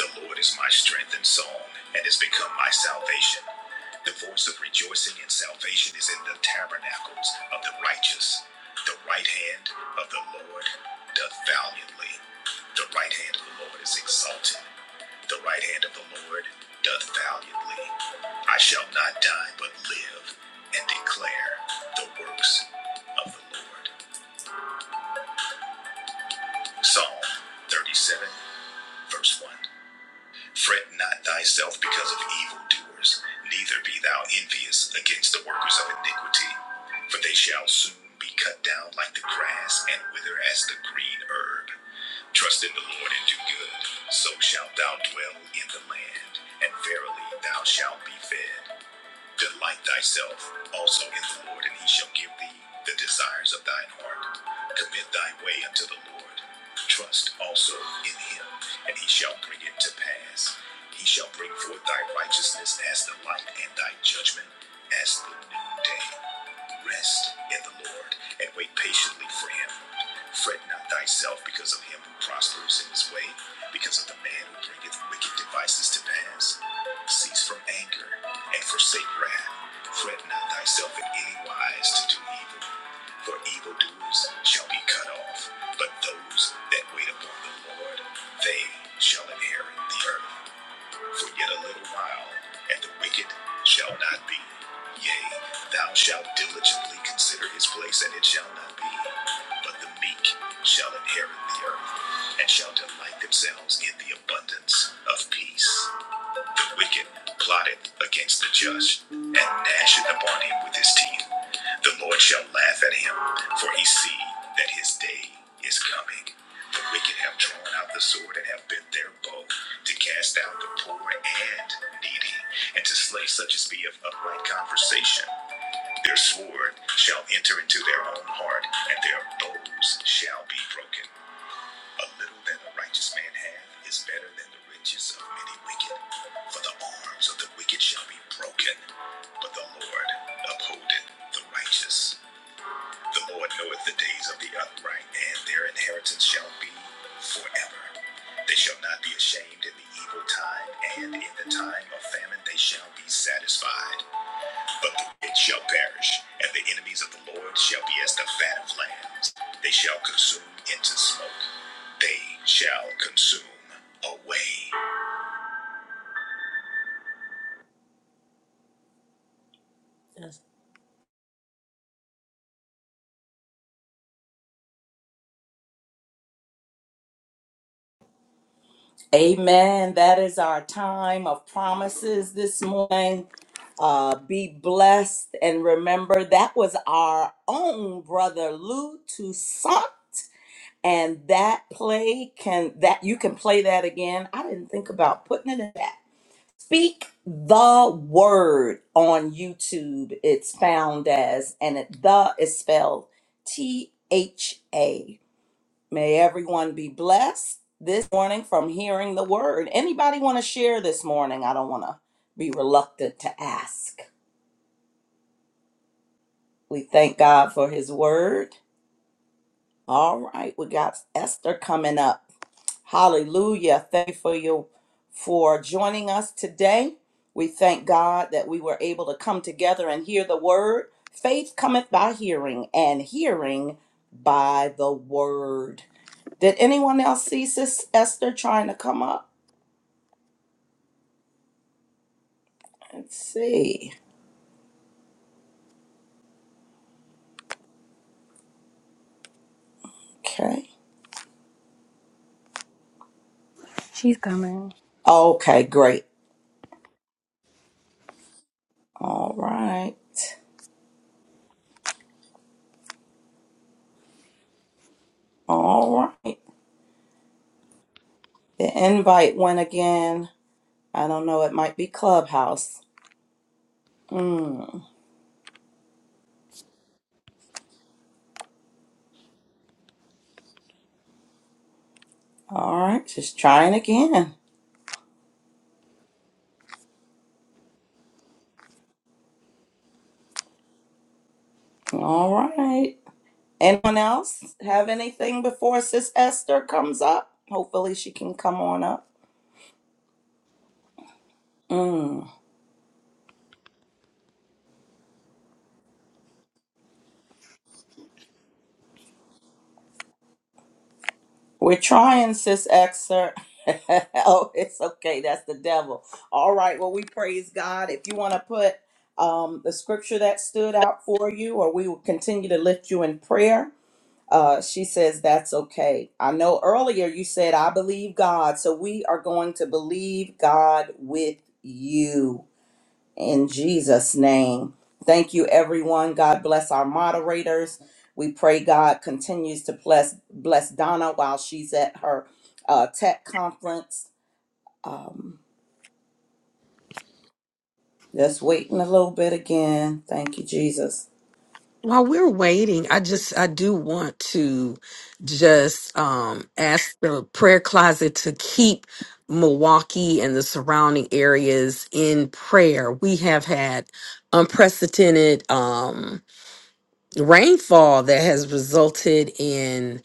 Speaker 3: The Lord is my strength and song, and has become my salvation. The voice of rejoicing and salvation is in the tabernacles of the righteous. The right hand of the Lord doth valiantly. The right hand of the Lord is exalted. The right hand of the Lord doth valiantly. I shall not die, but live and declare the works of the Lord. Psalm 37, verse 1. Fret not thyself because of evildoers, neither be thou envious against the workers of iniquity, for they shall soon be cut down like the grass and wither as the green herb. Trust in the Lord and do good, so shalt thou dwell in the land, and verily thou shalt be fed. Delight thyself also in the Lord, and he shall give thee the desires of thine heart. Commit thy way unto the Lord. Trust also in him, and he shall bring it to pass. He shall bring forth thy righteousness as the light, and thy judgment as the noonday. Rest in the Lord, and wait patiently for him. Fret not thyself because of him who prospers in his way, because of the man who bringeth wicked devices to pass. Cease from anger and forsake wrath. Fret not thyself in any wise to do evil, for evildoers shall be cut off. But those that wait upon the Lord, they shall inherit the earth. For yet a little while, and the wicked shall not be. Yea, thou shalt diligently consider his place, and it shall not be. But the meek shall inherit the earth, and shall delight themselves in the abundance of peace wicked plotted against the just, and gnashing upon him with his teeth. The Lord shall laugh at him, for he see that his day is coming. The wicked have drawn out the sword and have bent their bow to cast down the poor and needy, and to slay such as be of upright conversation. Their sword shall enter into their own heart, and their bows shall be broken. A little that a righteous man hath is better than the riches of many wicked. For the arms of the wicked shall be broken, but the Lord upholdeth the righteous. The Lord knoweth the days of the upright, and their inheritance shall be forever. They shall not be ashamed in the evil time, and in the time of famine they shall be satisfied. But the shall perish, and the enemies of the Lord shall be as the fat of lambs. They shall consume into smoke. They shall consume away. Amen. That is our time of promises this morning. Uh, be blessed and remember that was our own brother Lou Toussaint, and that play can that you can play that again. I didn't think about putting it in that. Speak the word on YouTube. It's found as, and it, the is spelled T H A. May everyone be blessed this morning from hearing the word. Anybody want to share this morning? I don't want to be reluctant to ask. We thank God for his word. All right, we got Esther coming up. Hallelujah. Thank you for your for joining us today. We thank God that we were able to come together and hear the word. Faith cometh by hearing, and hearing by the word. Did anyone else see Sis Esther trying to come up? Let's see. Okay.
Speaker 4: She's coming.
Speaker 3: Okay, great. All right. All right. The invite went again. I don't know. It might be Clubhouse. Mm. All right. Just trying again. All right. Anyone else have anything before Sis Esther comes up? Hopefully she can come on up. Mm. We're trying, Sis Esther. oh, it's okay. That's the devil. All right. Well, we praise God. If you want to put um, the scripture that stood out for you, or we will continue to lift you in prayer. Uh, she says that's okay. I know earlier you said I believe God, so we are going to believe God with you. in Jesus' name. Thank you, everyone. God bless our moderators. We pray God continues to bless bless Donna while she's at her uh, tech conference. Um, just waiting a little bit again. Thank you, Jesus.
Speaker 1: While we're waiting, I just I do want to just um ask the prayer closet to keep Milwaukee and the surrounding areas in prayer. We have had unprecedented um rainfall that has resulted in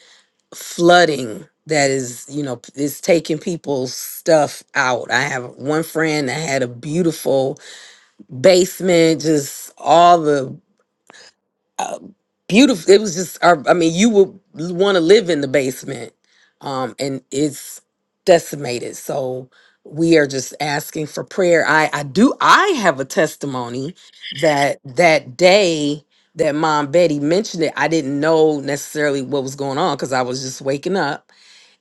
Speaker 1: flooding that is, you know, is taking people's stuff out. I have one friend that had a beautiful basement, just all the uh, beautiful. It was just, uh, I mean, you would want to live in the basement, um, and it's decimated. So we are just asking for prayer. I, I do, I have a testimony that that day that Mom Betty mentioned it, I didn't know necessarily what was going on because I was just waking up,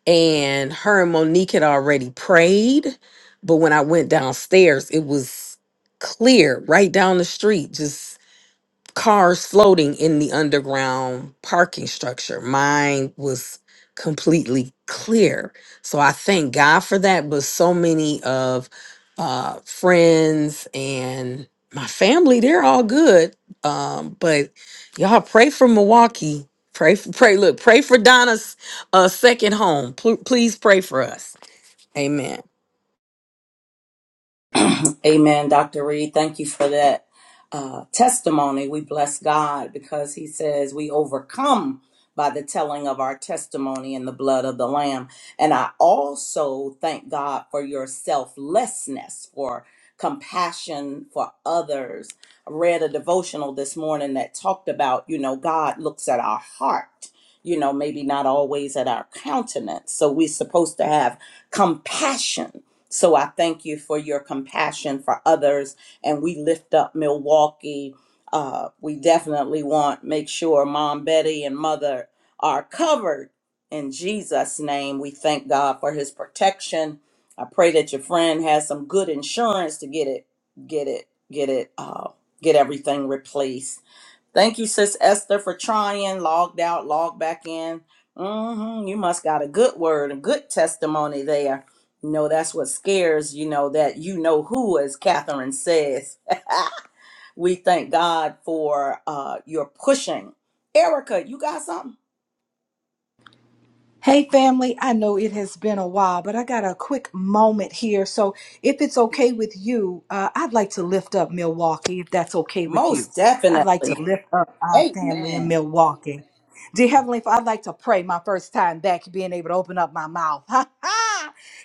Speaker 1: and her and Monique had already prayed, but when I went downstairs, it was clear right down the street, just cars floating in the underground parking structure. Mine was completely clear. So I thank God for that. But so many of uh, friends and my family, they're all good. Um, but y'all pray for Milwaukee. Pray, for, pray, look, pray for Donna's uh, second home. Pl- please pray for us. Amen.
Speaker 3: Amen, Dr. Reed. Thank you for that uh, testimony. We bless God because He says we overcome by the telling of our testimony in the blood of the Lamb. And I also thank God for your selflessness, for compassion for others. I read a devotional this morning that talked about, you know, God looks at our heart. You know, maybe not always at our countenance. So we're supposed to have compassion so I thank you for your compassion for others, and we lift up Milwaukee. Uh, we definitely want make sure Mom Betty and Mother are covered in Jesus' name. We thank God for His protection. I pray that your friend has some good insurance to get it, get it, get it, uh, get everything replaced. Thank you, Sis Esther, for trying. Logged out, logged back in. hmm You must got a good word, a good testimony there. You know, that's what scares, you know, that you know who, as Catherine says. we thank God for uh your pushing. Erica, you got something?
Speaker 5: Hey, family, I know it has been a while, but I got a quick moment here. So, if it's okay with you, uh, I'd like to lift up Milwaukee, if that's okay with you.
Speaker 3: Most
Speaker 5: I'd like to
Speaker 3: definitely.
Speaker 5: lift up our family in
Speaker 3: Amen.
Speaker 5: Milwaukee. Dear Heavenly Father, I'd like to pray my first time back being able to open up my mouth.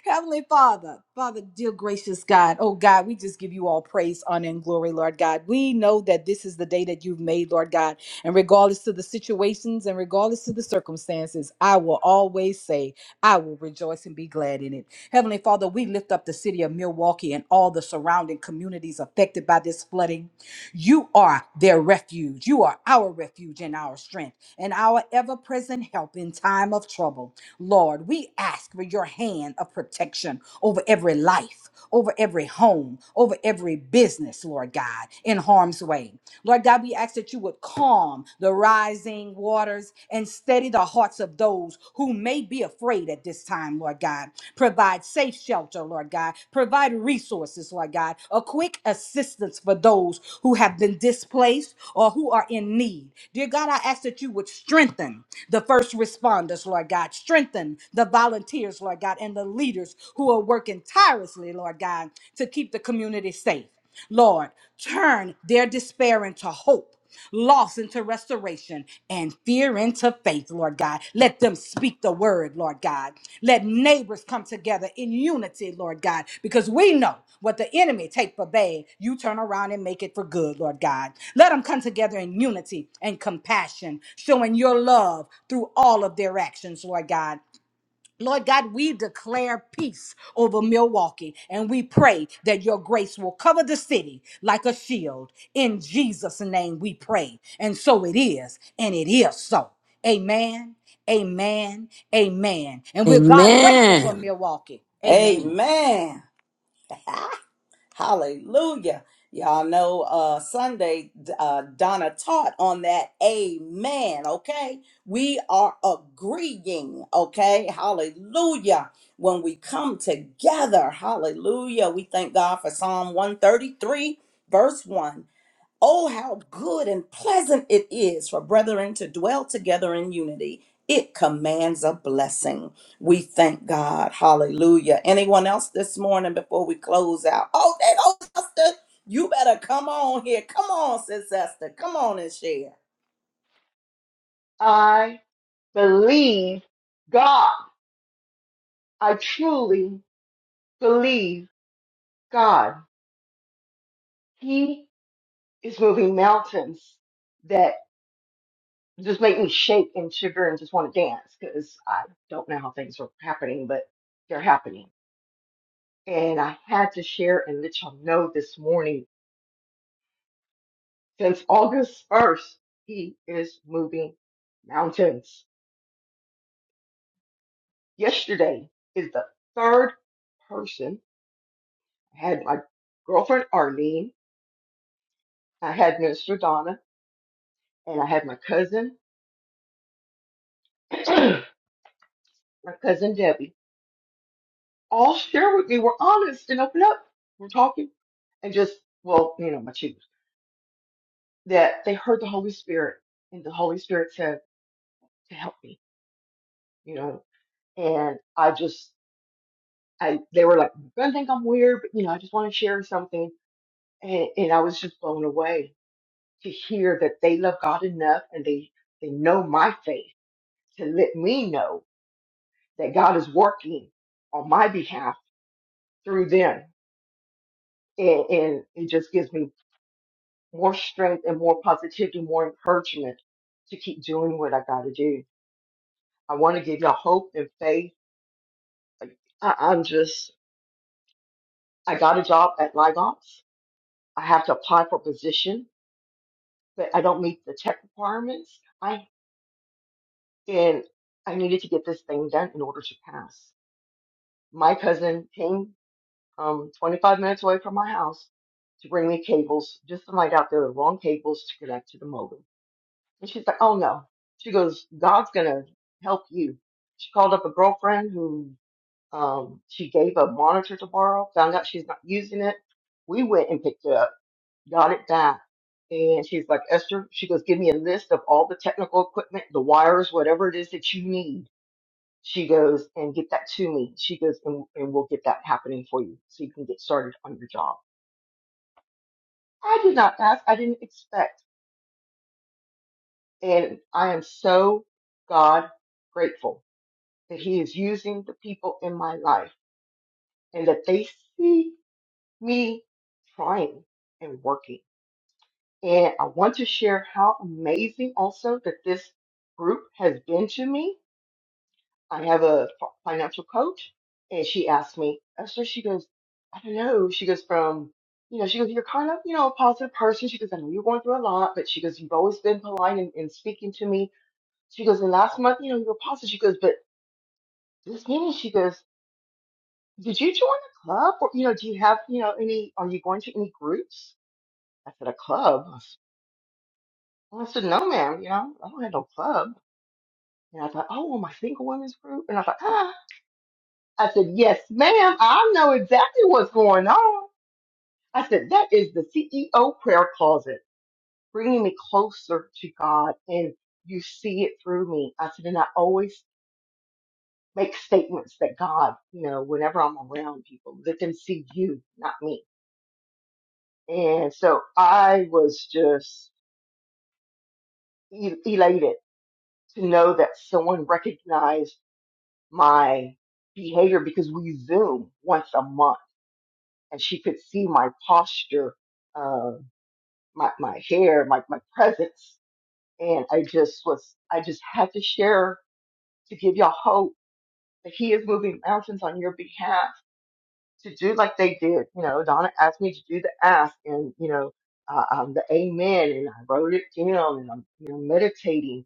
Speaker 5: Heavenly Father, Father, dear gracious God, oh God, we just give you all praise, honor, and glory, Lord God. We know that this is the day that you've made, Lord God and regardless to the situations and regardless to the circumstances, I will always say, I will rejoice and be glad in it. Heavenly Father, we lift up the city of Milwaukee and all the surrounding communities affected by this flooding. You are their refuge. You are our refuge and our strength and our ever present help in time of trouble. Lord, we ask for your hand of protection over every life, over every home, over every business, Lord God, in harm's way. Lord God, we ask that you would calm the rising waters and steady the hearts of those who may be afraid at this time, Lord God. Provide safe shelter, Lord God. Provide resources resources, Lord God, a quick assistance for those who have been displaced or who are in need. Dear God, I ask that you would strengthen the first responders, Lord God, strengthen the volunteers, Lord God, and the leaders who are working tirelessly, Lord God, to keep the community safe. Lord, turn their despair into hope, loss into restoration, and fear into faith, Lord God. Let them speak the word, Lord God. Let neighbors come together in unity, Lord God, because we know what the enemy take for bad, you turn around and make it for good, Lord God. Let them come together in unity and compassion, showing your love through all of their actions, Lord God. Lord God, we declare peace over Milwaukee and we pray that your grace will cover the city like a shield. In Jesus' name we pray. And so it is, and it is so. Amen, amen, amen. And we're God grateful for
Speaker 1: Amen.
Speaker 5: Milwaukee. Amen.
Speaker 3: Amen. Hallelujah. Y'all know uh Sunday uh Donna taught on that amen, okay? We are agreeing, okay? Hallelujah. When we come together, hallelujah. We thank God for Psalm 133 verse 1. Oh, how good and pleasant it is for brethren to dwell together in unity. It commands a blessing. We thank God. Hallelujah. Anyone else this morning before we close out? Oh, that old sister, you better come on here. Come on, Sis Esther. Come on and share.
Speaker 6: I believe God. I truly believe God. He is moving mountains that just make me shake and shiver and just want to dance because I don't know how things are happening, but they're happening. And I had to share and let y'all know this morning since August 1st, he is moving mountains. Yesterday is the third person. I had my girlfriend Arlene I had Minister Donna, and I had my cousin, my cousin Debbie, all share with me. We're honest and open up. We're talking and just, well, you know, my cheaters, that they heard the Holy Spirit and the Holy Spirit said to help me, you know, and I just, I, they were like, you're going to think I'm weird, but you know, I just want to share something. And, and I was just blown away to hear that they love God enough and they, they know my faith to let me know that God is working on my behalf through them. And, and it just gives me more strength and more positivity, more encouragement to keep doing what I got to do. I want to give y'all hope and faith. Like, I, I'm just, I got a job at Live Ops. I have to apply for a position, but I don't meet the tech requirements. I and I needed to get this thing done in order to pass. My cousin came um, 25 minutes away from my house to bring me cables just to light out there were wrong cables to connect to the modem. And she's like, oh no. She goes, God's going to help you. She called up a girlfriend who um, she gave a monitor to borrow, found out she's not using it. We went and picked it up, got it back. And she's like, Esther, she goes, give me a list of all the technical equipment, the wires, whatever it is that you need. She goes, and get that to me. She goes, and, and we'll get that happening for you so you can get started on your job. I did not ask. I didn't expect. And I am so God grateful that he is using the people in my life and that they see me trying and working. And I want to share how amazing also that this group has been to me. I have a fi- financial coach and she asked me, and so she goes, I don't know. She goes from, you know, she goes, you're kind of, you know, a positive person. She goes, I know you're going through a lot, but she goes, you've always been polite in, in speaking to me. She goes, and last month, you know, you were positive. She goes, but this meeting, she goes, Did you join a club? Or, you know, do you have, you know, any, are you going to any groups? I said, a club? And I said, no, ma'am, you know, I don't have no club. And I thought, oh, well, my single women's group. And I thought, ah. I said, yes, ma'am, I know exactly what's going on. I said, that is the CEO prayer closet, bringing me closer to God. And you see it through me. I said, and I always make statements that God, you know, whenever I'm around people, let them see you, not me. And so I was just e- elated to know that someone recognized my behavior because we Zoom once a month and she could see my posture, uh, my, my hair, my, my presence. And I just was, I just had to share to give y'all hope that he is moving mountains on your behalf to do like they did. You know, Donna asked me to do the ask and, you know, uh, um, the amen and I wrote it down and I'm, you know, meditating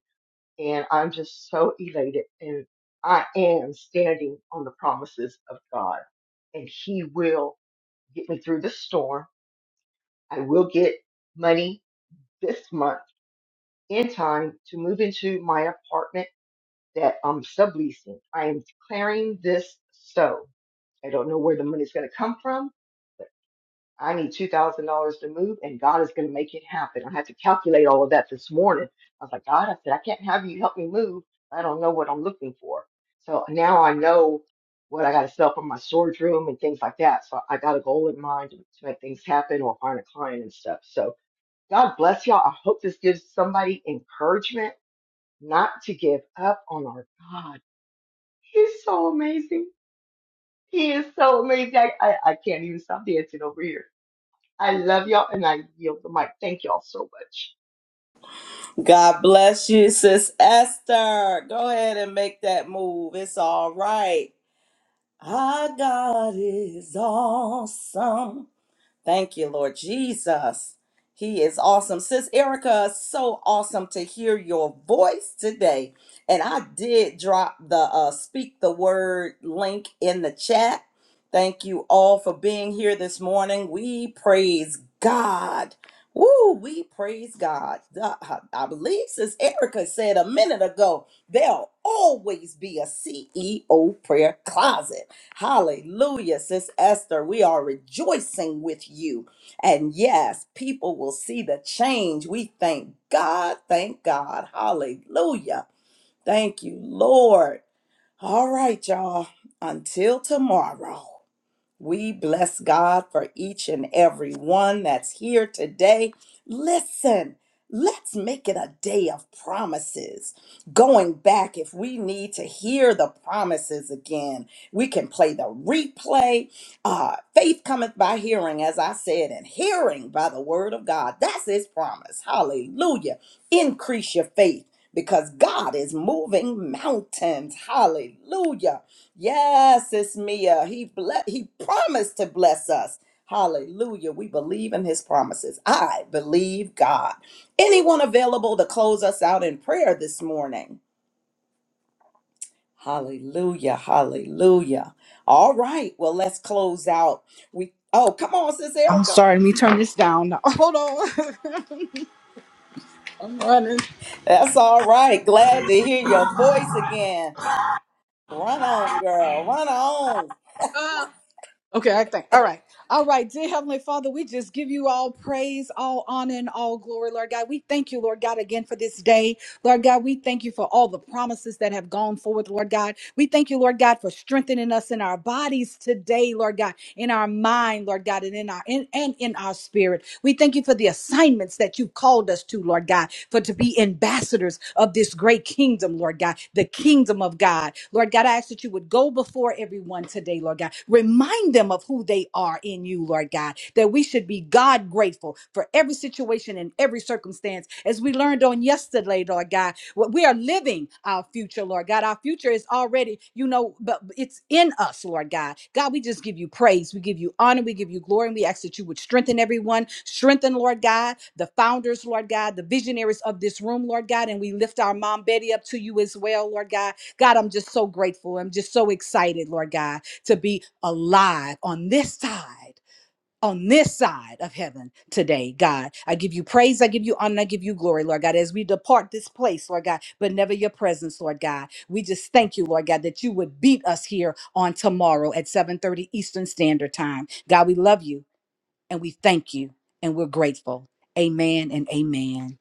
Speaker 6: and I'm just so elated and I am standing on the promises of God and he will get me through the storm. I will get money this month in time to move into my apartment that I'm subleasing. I am declaring this so. I don't know where the money's going to come from, I need two thousand dollars to move, and God is going to make it happen. I had to calculate all of that this morning. I was like, God, I said, I can't have you help me move. I don't know what I'm looking for. So now I know what I got to sell for my storage room and things like that. So I got a goal in mind to, to make things happen or find a client and stuff. So God bless y'all. I hope this gives somebody encouragement not to give up on our God. He's so amazing. He is so amazing. I, I, I can't even stop dancing over here. I love y'all and I yield the mic. Thank y'all so much.
Speaker 3: God bless you, Sis Esther. Go ahead and make that move. It's all right. Our God is awesome. Thank you, Lord Jesus. He is awesome. Sis Erica, so awesome to hear your voice today. And I did drop the uh, Speak the Word link in the chat. Thank you all for being here this morning. We praise God. Woo, we praise God. Uh, I I believe Sis Erica said a minute ago, there'll always be a CEO prayer closet. Hallelujah, Sis Esther. We are rejoicing with you. And yes, people will see the change. We thank God. Thank God. Hallelujah. Thank you, Lord. All right, y'all. Until tomorrow. We bless God for each and every one that's here today. Listen, let's make it a day of promises. Going back, if we need to hear the promises again, we can play the replay. Uh, faith cometh by hearing, as I said, and hearing by the word of God. That's his promise. Hallelujah. Increase your faith because God is moving mountains. Hallelujah. Yes, it's Mia. He ble- he promised to bless us. Hallelujah. We believe in his promises. I believe God. Anyone available to close us out in prayer this morning? Hallelujah. Hallelujah. All right. Well, let's close out. We Oh, come on, sis
Speaker 5: I'm
Speaker 3: Erica.
Speaker 5: sorry, let me turn this down. now. Hold on. I'm running.
Speaker 3: That's all right. Glad to hear your voice again. Run on, girl. Run on.
Speaker 5: Okay, I think. All right. All right. Dear Heavenly Father, we just give you all praise, all honor, and all glory, Lord God. We thank you, Lord God, again for this day. Lord God, we thank you for all the promises that have gone forward, Lord God. We thank you, Lord God, for strengthening us in our bodies today, Lord God, in our mind, Lord God, and in our in, and in our spirit. We thank you for the assignment assignments that you've called us to, Lord God, for to be ambassadors of this great kingdom, Lord God, the kingdom of God. Lord God, I ask that you would go before everyone today, Lord God. Remind them of who they are in you, Lord God, that we should be God grateful for every situation and every circumstance. As we learned on yesterday, Lord God, what we are living our future, Lord God. Our future is already, you know, but it's in us, Lord God. God, we just give you praise. We give you honor. We give you glory. And we ask that you would strengthen everyone. Strengthen, Lord God, the founders, Lord God, the visionaries of this room, Lord God. And we lift our mom Betty up to you as well, Lord God. God, I'm just so grateful. I'm just so excited, Lord God, to be alive on this side on this side of heaven today, God. I give you praise, I give you honor, I give you glory, Lord God, as we depart this place, Lord God, but never your presence, Lord God. We just thank you, Lord God, that you would beat us here on tomorrow at 7:30 Eastern Standard Time. God, we love you and we thank you and we're grateful. Amen and amen.